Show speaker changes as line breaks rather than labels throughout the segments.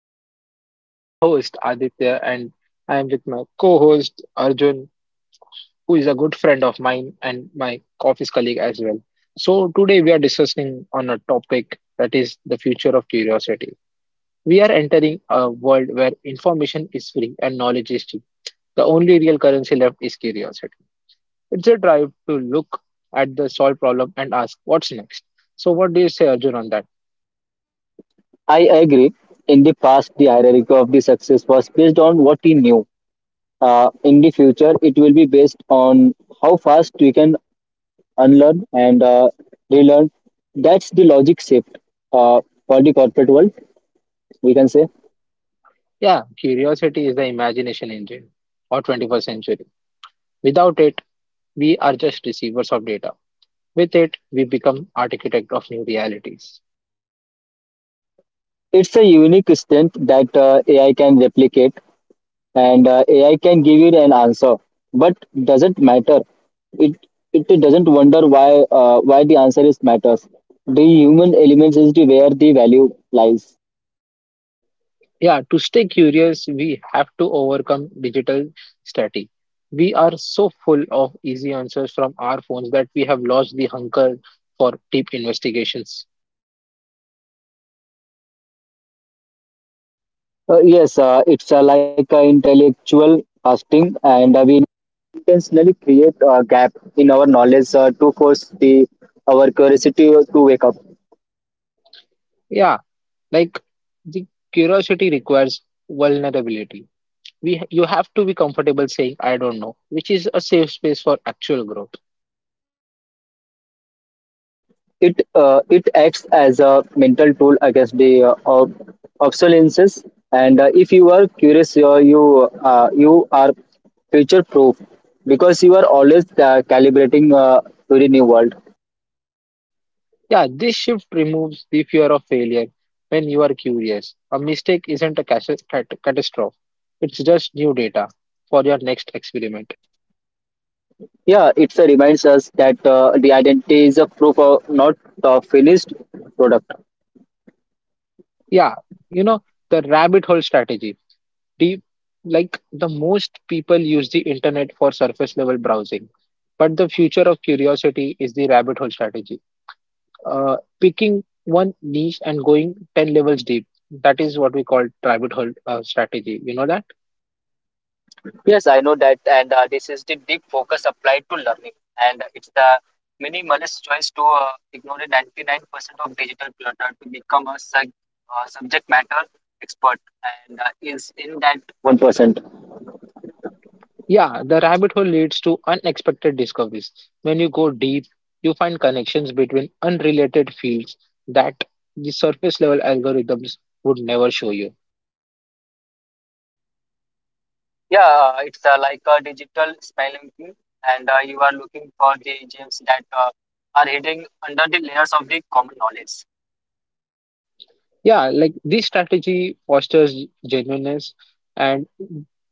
everyone. And I am your host, Aditya, and I am with my co host, Arjun, who is a good friend of mine and my office colleague as well. So, today we are discussing on a topic that is the future of curiosity. We are entering a world where information is free and knowledge is cheap. The only real currency left is curiosity. It's a drive to look at the solved problem and ask what's next. So, what do you say, Arjun, on that?
I agree. In the past, the hierarchy of the success was based on what we knew. In the future, it will be based on how fast we can unlearn and relearn. That's the logic shift uh, for the corporate world, we can say.
Yeah, curiosity is the imagination engine of 21st century. Without it, we are just receivers of data. With it, we become architect of new realities.
It's a unique strength that AI can replicate, and AI can give you an answer, but doesn't matter. It it doesn't wonder why the answer is matters. The human elements is the where the value lies.
Yeah, to stay curious, we have to overcome digital static. We are so full of easy answers from our phones that we have lost the hunger for deep investigations.
Yes, it's like intellectual fasting, and we intentionally create a gap in our knowledge to force the our curiosity to wake up.
Yeah, like the curiosity requires vulnerability. We You have to be comfortable saying I don't know, which is a safe space for actual growth.
It acts as a mental tool against the obsolescences, and if you are curious, you are future proof because you are always calibrating to the new world.
Yeah, this shift removes the fear of failure when you are curious. A mistake isn't a catastrophe, it's just new data for your next experiment.
Yeah, it reminds us that the identity is a proof of not the finished product.
Yeah, you know, the rabbit hole strategy. Deep, like the most people use the internet for surface level browsing, but the future of curiosity is the rabbit hole strategy. Picking one niche and going 10 levels deep. That is what we call rabbit hole strategy. You know that?
Yes, I know that, and this is the deep focus applied to learning, and it's the minimalist choice to ignore the 99% of digital clutter to become a subject matter expert, and is in that 1%.
Yeah, the rabbit hole leads to unexpected discoveries. When you go deep, you find connections between unrelated fields that the surface level algorithms would never show you.
Yeah, it's like a digital spelling key, and you are looking for the gems that are hidden under the layers of the common knowledge.
Yeah, like this strategy fosters genuineness, and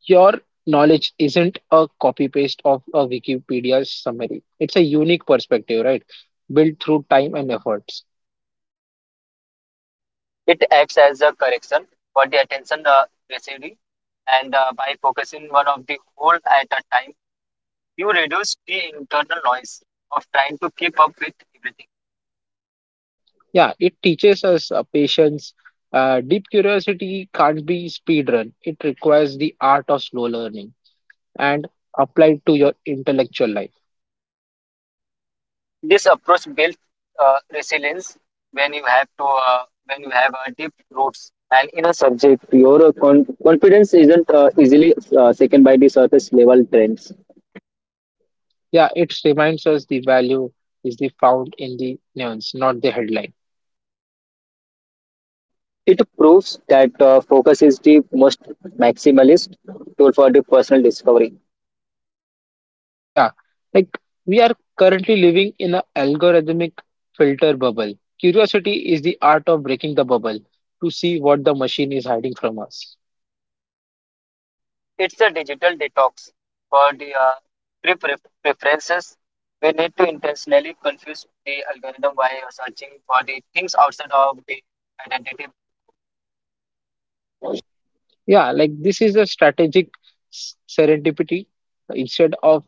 your knowledge isn't a copy paste of a Wikipedia summary. It's a unique perspective, right? Built through time and efforts.
It acts as a correction for the attention residue, and by focusing one of the whole at a time you reduce the internal noise of trying to keep up with everything.
Yeah, it teaches us patience. Deep curiosity can't be speedrun. It requires the art of slow learning and applied to your intellectual life.
This approach builds resilience when you have to when you have deep roots and in a subject. Your confidence isn't easily shaken by the surface level trends.
Yeah, it reminds us the value is the found in the nuance, not the headline.
It proves that focus is the most maximalist tool for the personal discovery.
Yeah, like we are currently living in a algorithmic filter bubble. Curiosity is the art of breaking the bubble to see what the machine is hiding from us.
It's a digital detox for the pre- pre- preferences. We need to intentionally confuse the algorithm by searching for the things outside of the identity.
Yeah, like this is a strategic serendipity instead of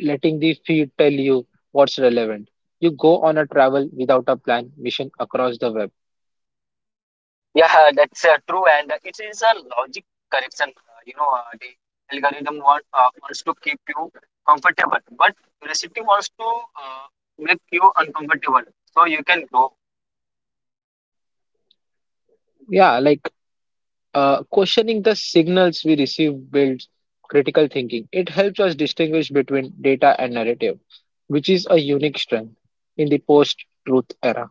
letting the feed tell you what's relevant. You go on a travel without a plan mission across the web.
Yeah, that's true, and it is a logic correction. You know, the algorithm wants to keep you comfortable, but curiosity wants to make you uncomfortable so you can grow.
Yeah, like questioning the signals we receive builds critical thinking. It helps us distinguish between data and narrative, which is a unique strength in the post-truth era.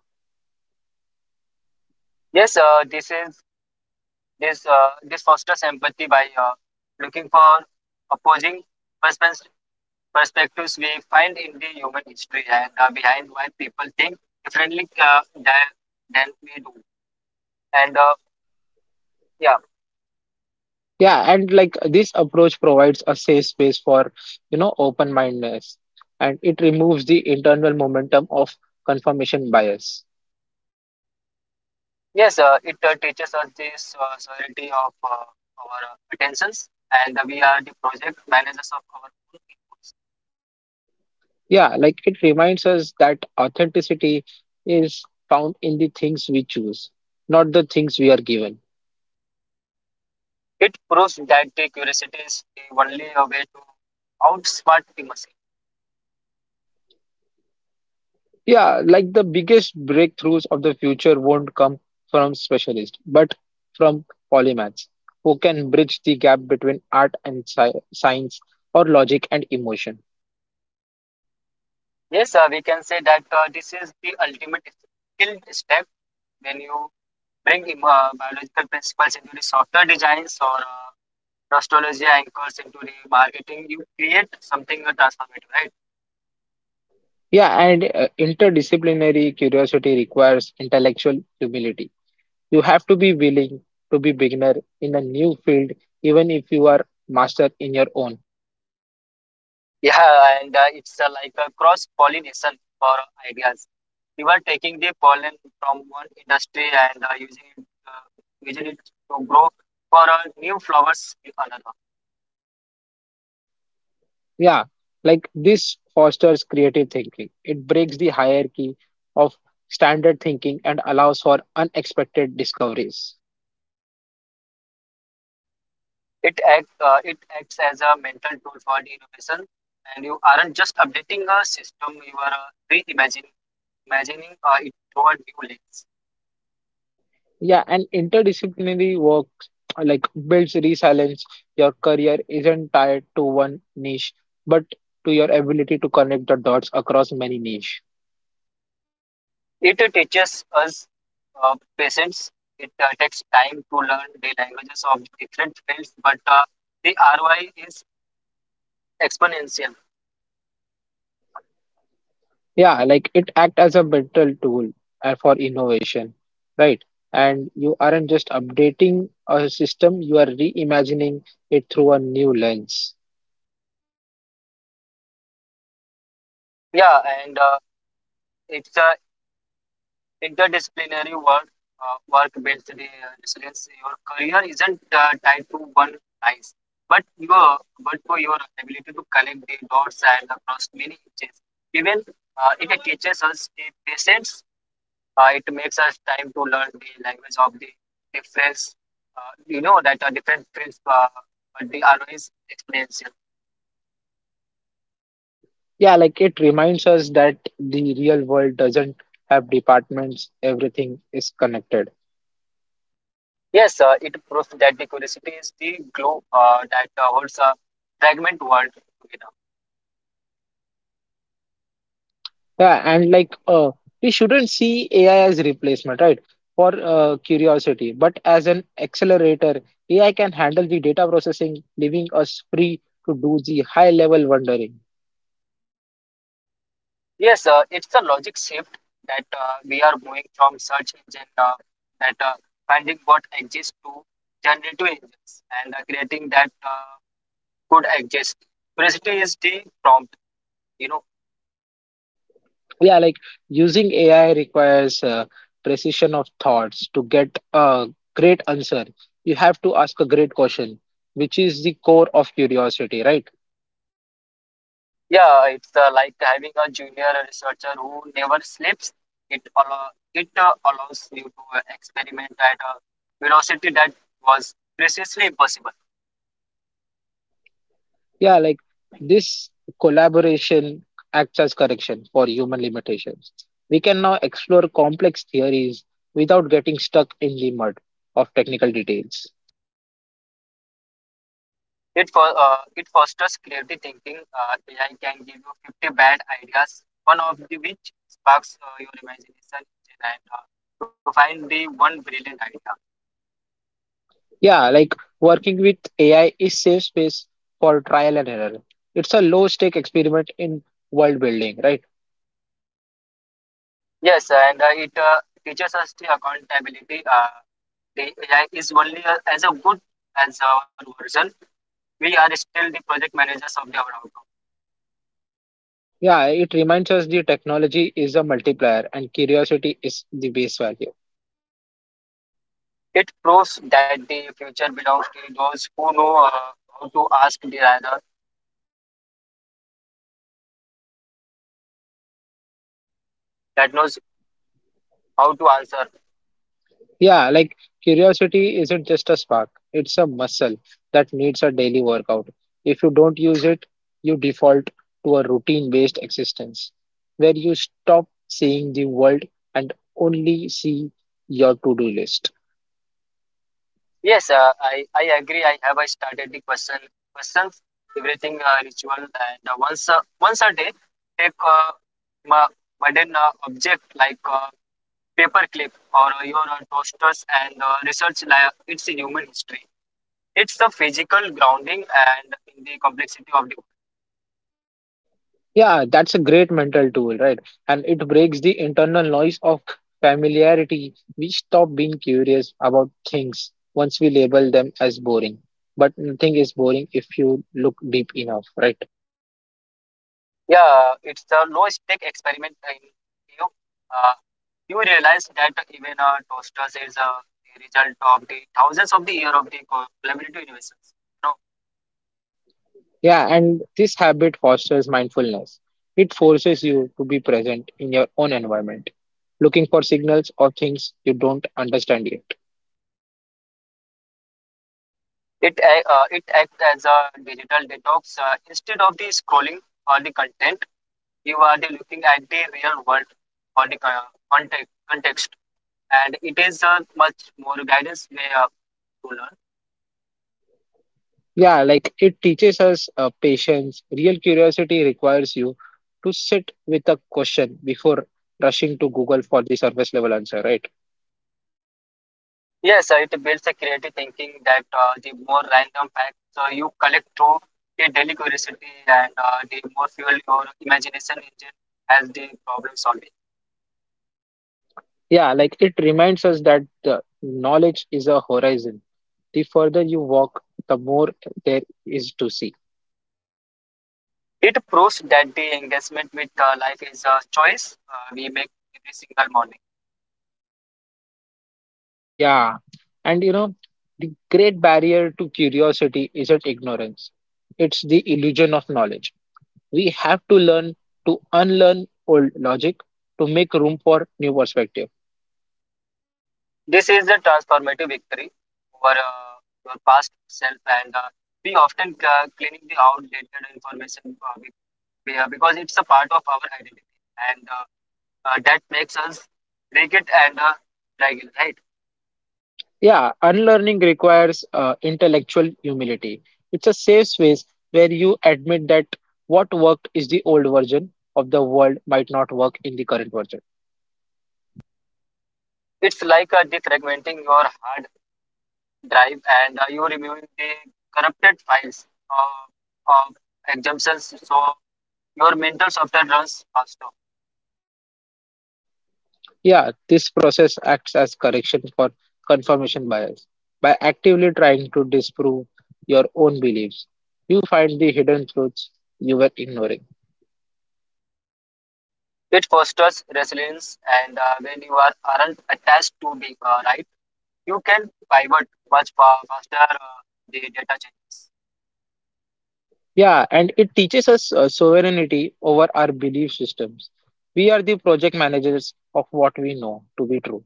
Yes, this is this this fosters empathy by looking for opposing perspe- perspectives we find in the human history and behind why people think differently than than we do. And yeah,
Yeah, and like this approach provides a safe space for, you know, open-mindedness, and it removes the internal momentum of confirmation bias.
yes, it teaches us this sovereignty of our attentions, and we are the project managers of our own inputs.
Yeah, like it reminds us that authenticity is found in the things we choose, not the things we are given.
It proves that the curiosity is the only way to outsmart the machine.
Yeah, like the biggest breakthroughs of the future won't come from specialists, but from polymaths who can bridge the gap between art and science or logic and emotion.
Yes, we can say that this is the ultimate skill step when you bring biological principles into the software designs or nostalgia anchors into the marketing you create something transformative, right?
Yeah, and interdisciplinary curiosity requires intellectual humility. You have to be willing to be beginner in a new field, even if you are master in your own.
Yeah, and it's like a cross pollination for ideas. You are taking the pollen from one industry and using it to grow for new flowers in another.
Yeah, like this fosters creative thinking. It breaks the hierarchy of standard thinking and allows for unexpected discoveries.
It acts as a mental tool for the innovation, and you aren't just updating a system. You are reimagining imagining it through a new lens.
Yeah, and interdisciplinary work like builds resilience. Your career isn't tied to one niche, but to your ability to connect the dots across many niche.
It teaches us patience. It takes time to learn the languages of different fields, but the ROI is exponential.
Yeah, like it act as a mental tool for innovation, right? And you aren't just updating a system, you are reimagining it through a new lens.
Yeah, and it's a interdisciplinary work. Work based the resilience. Your career isn't tied to one price, but your but for your ability to connect the dots and across many niches. Even it teaches us the patience. It makes us time to learn the language of the difference. You know that different fields, but they are always explanation.
Yeah, like it reminds us that the real world doesn't have departments, everything is connected.
Yes, it proves that the curiosity is the glue that holds a fragment world together.
Yeah, and like we shouldn't see AI as replacement, right? For curiosity but as an accelerator. AI can handle the data processing, leaving us free to do the high level wondering.
Yes, it's a logic shift that we are moving from search engine, that finding what exists, to generative engines and creating that could exist. Curiosity is the prompt, you know.
Yeah, like using AI requires precision of thoughts to get a great answer. You have to ask a great question, which is the core of curiosity, right?
Yeah, it's like having a junior researcher who never sleeps. It allow, it allows you to experiment at a velocity that was previously impossible.
Yeah, like this collaboration acts as correction for human limitations. We can now explore complex theories without getting stuck in the mud of technical details.
It fosters creative thinking. AI can give you 50 bad ideas, one of the which sparks your imagination and to find the one brilliant idea.
Yeah, like working with AI is safe space for trial and error. It's a low stake experiment in world building, right?
Yes, and it teaches us the accountability. The AI is only as a good as our version. We are still the project managers of our outcome.
Yeah, it reminds us the technology is a multiplier and curiosity is the base value.
It proves that the future belongs to those who know how to ask the rather that knows how to answer.
Yeah, like curiosity isn't just a spark, it's a muscle that needs a daily workout. If you don't use it, you default to a routine-based existence where you stop seeing the world and only see your to-do list.
Yes, I agree. I started the question questions everything ritual and once a day take ma- modern object like paper clip or your toasters and research like its a human history. It's the physical grounding and in the complexity of the.
Yeah, that's a great mental tool, right? And it breaks the internal noise of familiarity. We stop being curious about things once we label them as boring. But nothing is boring if you look deep enough, right?
Yeah, it's the low stake experiment in you. Uh, you realize that even toasters is a result of the thousands of the year of the collaborative innovations. No,
Yeah, and this habit fosters mindfulness. It forces you to be present in your own environment, looking for signals or things you don't understand yet.
it acts as a digital detox. Instead of the scrolling all the content, you are the looking at the real world or the context, and it is a much more guidance way to learn.
Yeah, like it teaches us patience. Real curiosity requires you to sit with a question before rushing to Google for the surface level answer, right?
Yes, it builds a creative thinking that the more random facts you collect through the daily curiosity and the more fuel your imagination engine as the problem solving.
Yeah, like it reminds us that the knowledge is a horizon. The further you walk, the more there is to see.
It proves that the engagement with life is a choice we make every single morning.
Yeah, and you know, the great barrier to curiosity isn't ignorance, it's the illusion of knowledge. We have to learn to unlearn old logic to make room for new perspectives.
This is a transformative victory over your past self, and we often cleaning the outdated information because it's a part of our identity and that makes us break it and fragile, right?
Yeah, unlearning requires intellectual humility. It's a safe space where you admit that what worked is the old version of the world might not work in the current version.
It's like defragmenting your hard drive and you removing the corrupted files of exemptions so your mental software runs faster.
Yeah, this process acts as correction for confirmation bias. By actively trying to disprove your own beliefs, you find the hidden truths you were ignoring.
It fosters resilience, and when you aren't attached to being right, you can pivot much faster the data changes.
Yeah, and it teaches us sovereignty over our belief systems. We are the project managers of what we know to be true.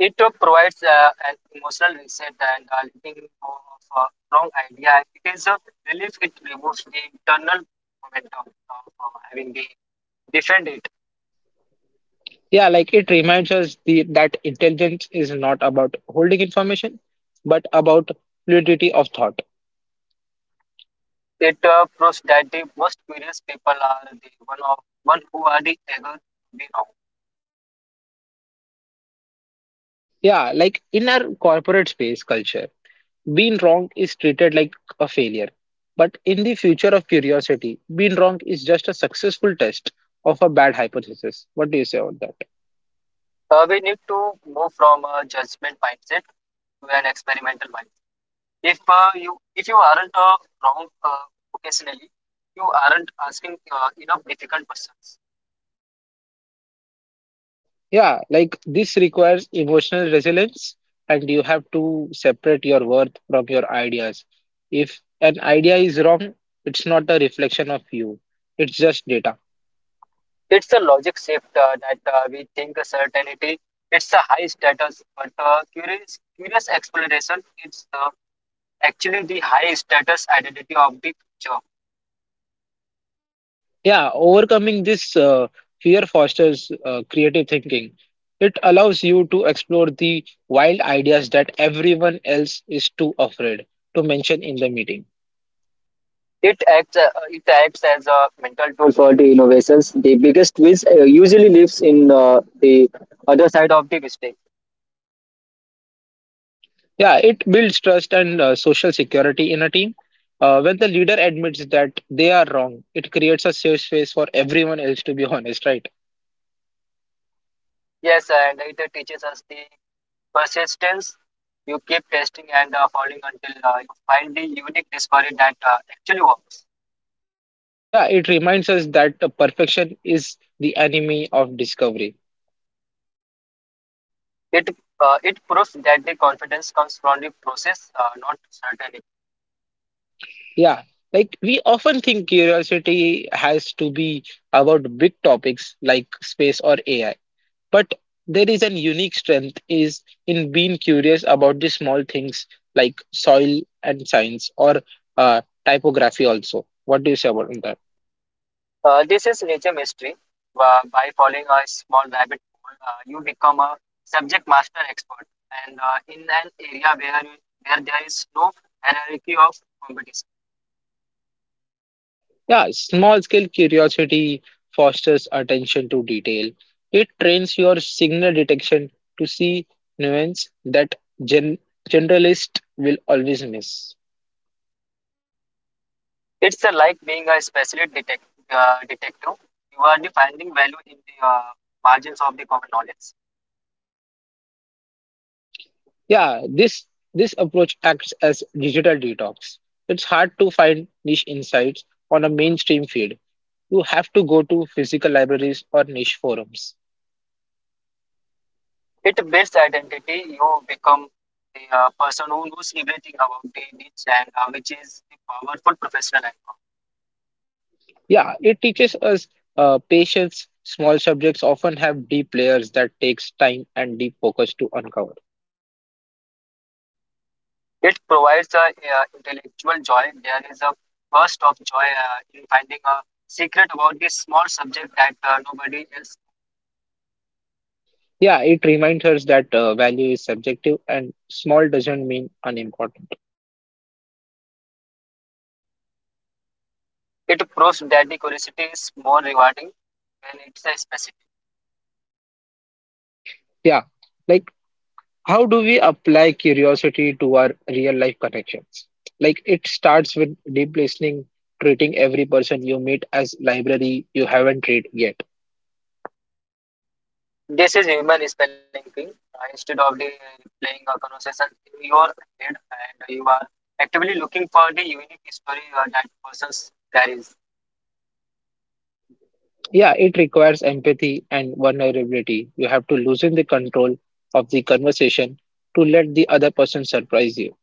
TikTok provides an emotional reset and letting go of a wrong idea. And it is a relief. It removes the internal momentum of having the defend it.
Yeah, like it reminds us that intelligence is not about holding information, but about fluidity of thought.
It proves that the most curious people are the one of one who are the ever be wrong.
Yeah, like in our corporate space culture, being wrong is treated like a failure. But in the future of curiosity, being wrong is just a successful test of a bad hypothesis. What do you say on that?
We need to move from a judgment mindset to an experimental mindset. If you aren't wrong occasionally, you aren't asking enough difficult questions.
Yeah, like this requires emotional resilience, and you have to separate your worth from your ideas. If an idea is wrong, it's not a reflection of you, it's just data.
It's a logic shift that we think a certainty. It's a high status, but curious exploration. It's actually the high status identity of the future.
Yeah, overcoming this fear fosters creative thinking. It allows you to explore the wild ideas that everyone else is too afraid to mention in the meeting.
It acts as a mental tool for the innovations. The biggest whiz usually lives in the other side of the mistake.
Yeah, it builds trust and social security in a team. When the leader admits that they are wrong, it creates a safe space for everyone else to be honest, right?
Yes, and it teaches us the persistence. You keep testing and falling until you find the unique discovery that actually works.
Yeah, it reminds us that perfection is the enemy of discovery.
It it proves that the confidence comes from the process, not certainty.
Yeah, like we often think curiosity has to be about big topics like space or AI. But there is an unique strength is in being curious about the small things like soil and science or typography also. What do you say about that?
This is nature mystery. By following a small rabbit hole, you become a subject master expert, and in an area where there is no hierarchy of competition.
Yeah, small scale curiosity fosters attention to detail. It trains your signal detection to see nuance that gen generalist will always miss.
It's like being a specialist detective. You are the finding value in the margins of the common knowledge.
Yeah, this approach acts as digital detox. It's hard to find niche insights on a mainstream feed, you have to go to physical libraries or niche forums.
It builds identity. You become the person who knows everything about the niche, and which is the powerful professional icon.
Yeah, it teaches us patience. Small subjects often have deep layers that takes time and deep focus to uncover.
It provides a intellectual joy. There is a burst of joy in finding a secret about this small subject that nobody else.
Yeah, it reminds us that value is subjective and small doesn't mean unimportant.
It proves that the curiosity is more rewarding when it's a specific.
Yeah, like how do we apply curiosity to our real life connections? Like it starts with deep listening, treating every person you meet as library you haven't read yet.
This is human spelling thing. Instead of the playing a conversation in your head, and you are actively looking for the unique story that person carries.
Yeah, it requires empathy and vulnerability. You have to loosen the control of the conversation to let the other person surprise you.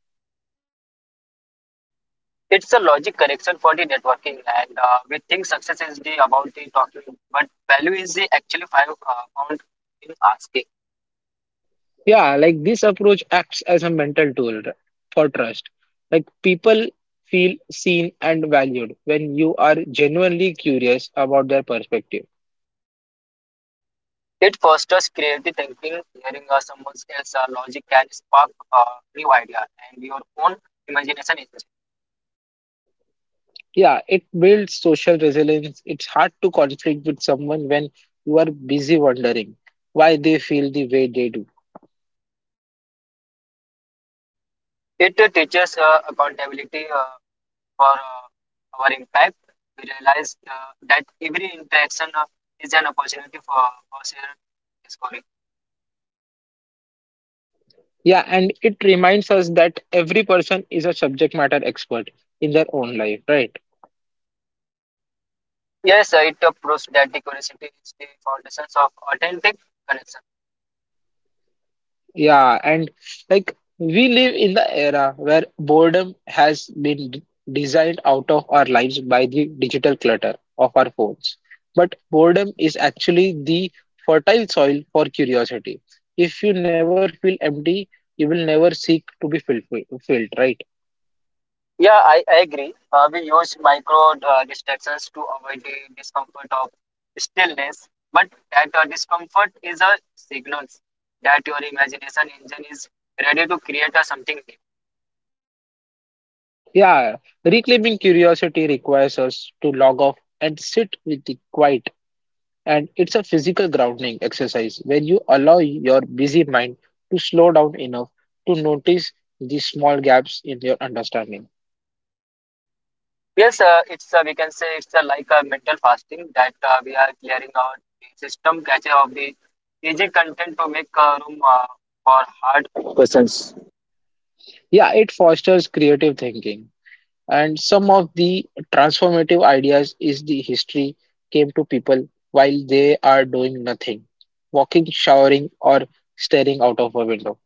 It's a logic correction for the networking, and we think success is the about the talking, but value is the actually five found in asking.
Yeah, like this approach acts as a mental tool for trust. Like people feel seen and valued when you are genuinely curious about their perspective.
It fosters creative thinking. Hearing someone else's logic can spark new idea and your own imagination. Is-
Yeah, it builds social resilience. It's hard to conflict with someone when you are busy wondering why they feel the way they do.
It teaches accountability. For our impact, we realized that every interaction of, is an opportunity for shared discovery.
Yeah, and it reminds us that every person is a subject matter expert in their own life, right?
Yes, it proves that the curiosity is the foundation of authentic connection.
Yeah, and like we live in the era where boredom has been designed out of our lives by the digital clutter of our phones. But boredom is actually the fertile soil for curiosity. If you never feel empty, you will never seek to be filled, filled, right?
Yeah, I agree. We use micro distractions to avoid the discomfort of stillness, but that discomfort is a signal that your imagination engine is ready to create a something new.
Yeah, reclaiming curiosity requires us to log off and sit with the quiet, and it's a physical grounding exercise where you allow your busy mind to slow down enough to notice the small gaps in your understanding.
Yes, it's we can say it's like a mental fasting that we are clearing our system, catcher of the easy content to make room for hard questions.
Yeah, it fosters creative thinking, and some of the transformative ideas is the history came to people while they are doing nothing, walking, showering, or staring out of a window.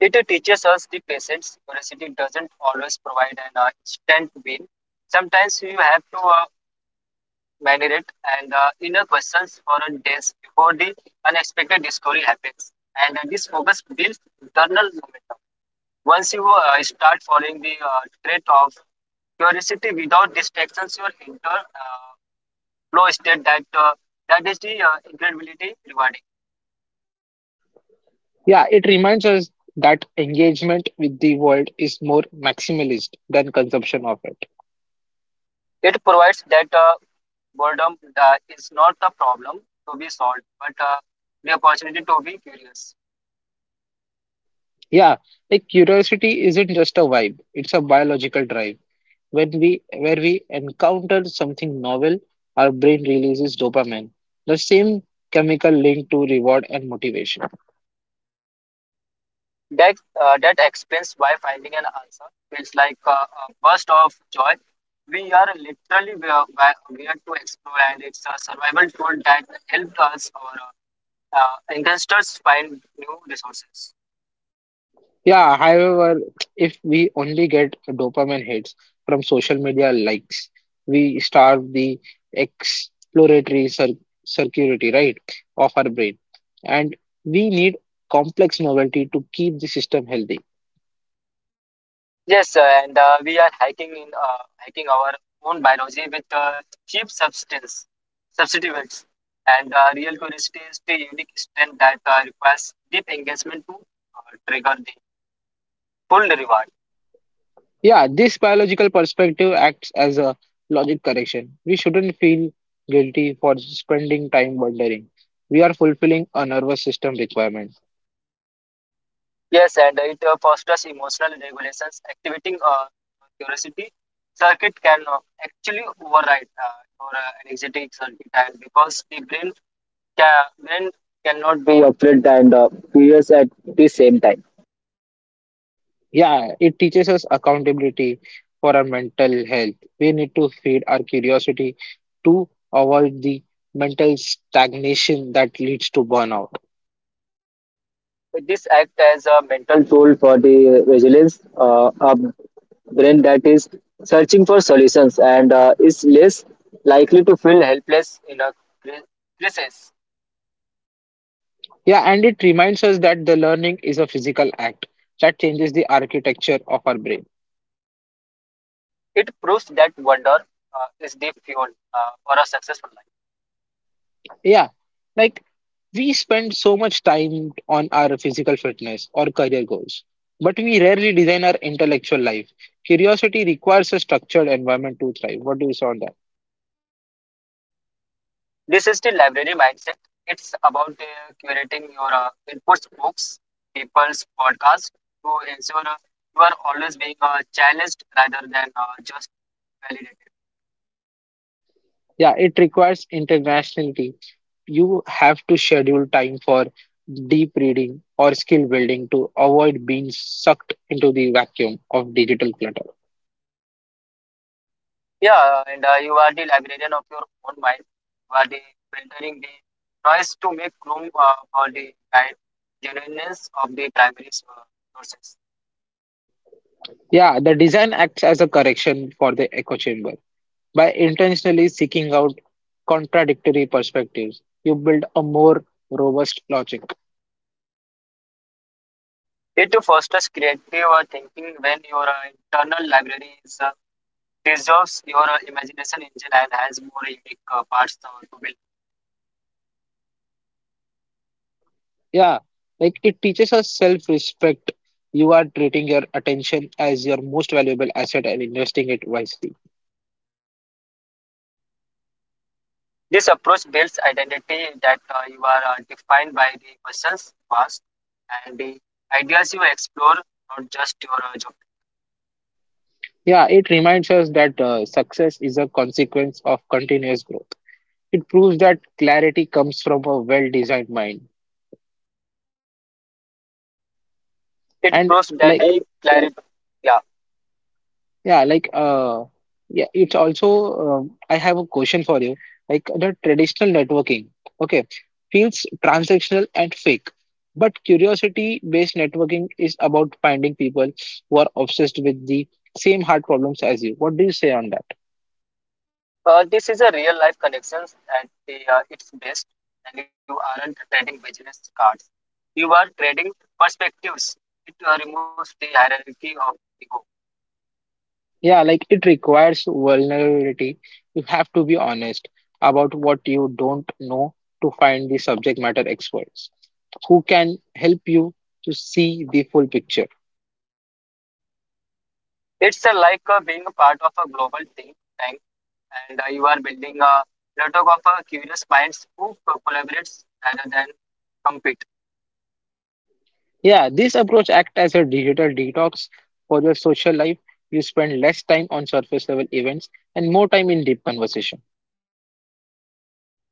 It teaches us the patience. Curiosity doesn't always provide an instant win. Sometimes you have to marinate and inner questions for a days before the unexpected discovery happens. And this focus builds internal momentum. Once you start following the trait of curiosity without distractions you will enter uh, flow state that is the incredibility rewarding.
Yeah, it reminds us that engagement with the world is more maximalist than consumption of it.
It provides that boredom is not a problem to be solved but the opportunity to be curious.
Yeah, like curiosity isn't just a vibe, it's a biological drive. When we where we encounter something novel, our brain releases dopamine, the same chemical linked to reward and motivation.
That that explains why finding an answer feels like a burst of joy. We are literally, we are to explore, and it's a survival tool that helps us or investors find new resources.
Yeah, however, if we only get dopamine hits from social media likes, we starve the exploratory circuity, right, of our brain. And we need complex novelty to keep the system healthy.
Yes, sir, and we are hiking in hacking our own biology with cheap substance substitutes, and real curiosity is the unique strength that requires deep engagement to trigger the full reward.
Yeah, this biological perspective acts as a logic correction. We shouldn't feel guilty for spending time wondering. We are fulfilling a nervous system requirement.
Yes, and it fosters emotional regulations, activating curiosity circuit can actually override your energetic circuit, and because the brain brain cannot be afraid and curious at the same time.
Yeah, it teaches us accountability for our mental health. We need to feed our curiosity to avoid the mental stagnation that leads to burnout.
This acts as a mental tool for the resilience, a brain that is searching for solutions and is less likely to feel helpless in a cri- crisis.
Yeah, and it reminds us that the learning is a physical act that changes the architecture of our brain.
It proves that wonder is the fuel for a successful life.
Yeah, like we spend so much time on our physical fitness or career goals, but we rarely design our intellectual life. Curiosity requires a structured environment to thrive. What do you say on that?
This is the library mindset. It's about curating your inputs, books, people's podcasts to ensure you are always being challenged rather than just validated.
Yeah, it requires internationality. You have to schedule time for deep reading or skill building to avoid being sucked into the vacuum of digital clutter.
Yeah, and you are the librarian of your own mind. You are the filtering the noise to make room for the guide genuineness of the primary sources.
Yeah, the design acts as a correction for the echo chamber. By intentionally seeking out contradictory perspectives, you build a more robust logic.
It fosters creative thinking when your internal library is preserves your imagination engine and has more unique parts to build.
Yeah, like it teaches us self respect. You are treating your attention as your most valuable asset and investing it wisely.
This approach builds identity that you are defined by the questions you ask and the ideas you explore, not just your geography.
Yeah, it reminds us that success is a consequence of continuous growth. It proves that clarity comes from a well designed mind.
It
And
proves that
like
the clarity, yeah,
Yeah, like yeah, it's also I have a question for you. Like the traditional networking, okay, feels transactional and fake, but curiosity-based networking is about finding people who are obsessed with the same hard problems as you. What do you say on that?
this is a real life connections at the its best, and you aren't trading business cards. You are trading perspectives. It removes the hierarchy of ego.
Yeah, like it requires vulnerability. You have to be honest about what you don't know to find the subject matter experts who can help you to see the full picture.
It's like being a part of a global think tank, and you are building a network of curious minds who collaborates rather than compete.
Yeah, this approach acts as a digital detox for your social life. You spend less time on surface level events and more time in deep conversation.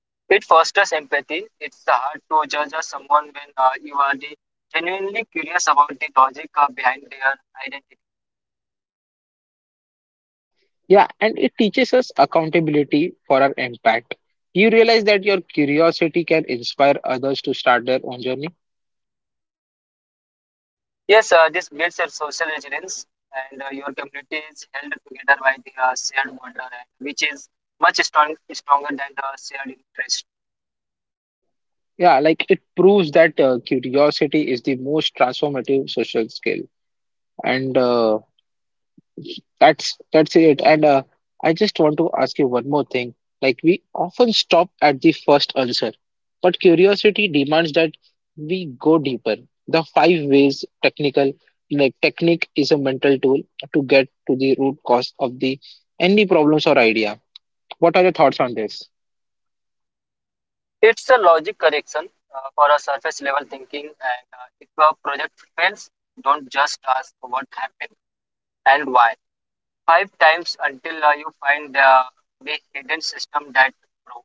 It fosters empathy. It's hard to judge someone when you are the genuinely curious about the logic behind their identity.
Yeah, and it teaches us accountability for our impact. You realize that your curiosity can inspire others to start their own journey.
Yes, this builds a social resilience, and your community is held together by the shared bond, which is stronger than the shared interest.
Yeah, like it proves that curiosity is the most transformative social skill. And That's it. And I just want to ask you one more thing. Like we often stop at the first answer, but curiosity demands that we go deeper. The five ways technical like technique is a mental tool to get to the root cause of the any problems or idea. What are your thoughts on this?
It's a logic correction for a surface level thinking, and if a project fails, don't just ask what happened and why five times until you find the big hidden system that probe.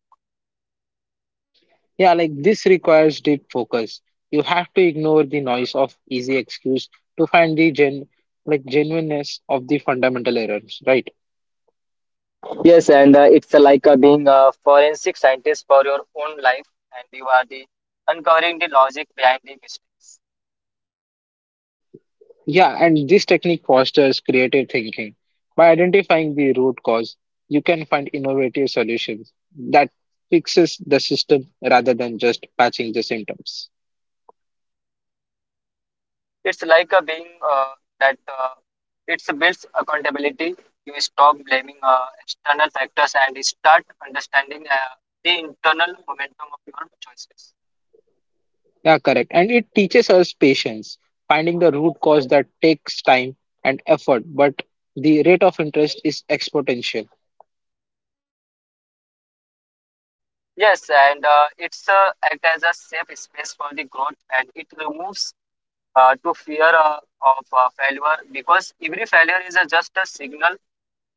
Yeah, like this requires deep focus. You have to ignore the noise of easy excuse to find the genuineness of the fundamental errors, right?
Yes, and it's like being a forensic scientist for your own life, and you are the uncovering the logic behind the mistakes.
Yeah, and this technique fosters creative thinking. By identifying the root cause, you can find innovative solutions that fixes the system rather than just patching the symptoms.
It's like being that it builds accountability. You stop blaming external factors and start understanding the internal momentum of your choices.
Yeah, correct. And it teaches us patience, finding the root cause that takes time and effort, but the rate of interest is exponential.
Yes, and it's act as a safe space for the growth, and it removes to fear of failure because every failure is a, just a signal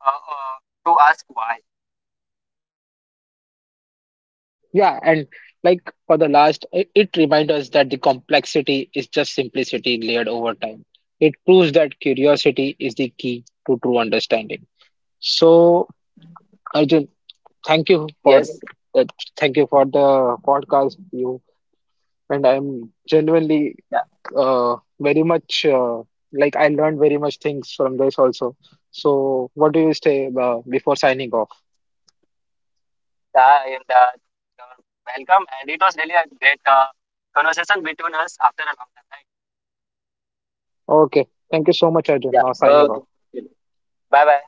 uh, uh, to ask why.
Yeah, and like for the last, it reminds us that the complexity is just simplicity layered over time. It proves that curiosity is the key to true understanding. So, Arjun, thank you for
Yes,
that. Thank you for the podcast you and I'm genuinely
yeah.
very much like I learned very much things from this also. So, what do you say before signing off?
And you're welcome. And it was really a great conversation between us after a long time, right?
Okay, thank you so much, Arjun.
Yeah.
Now signing
Okay.
off.
Bye bye.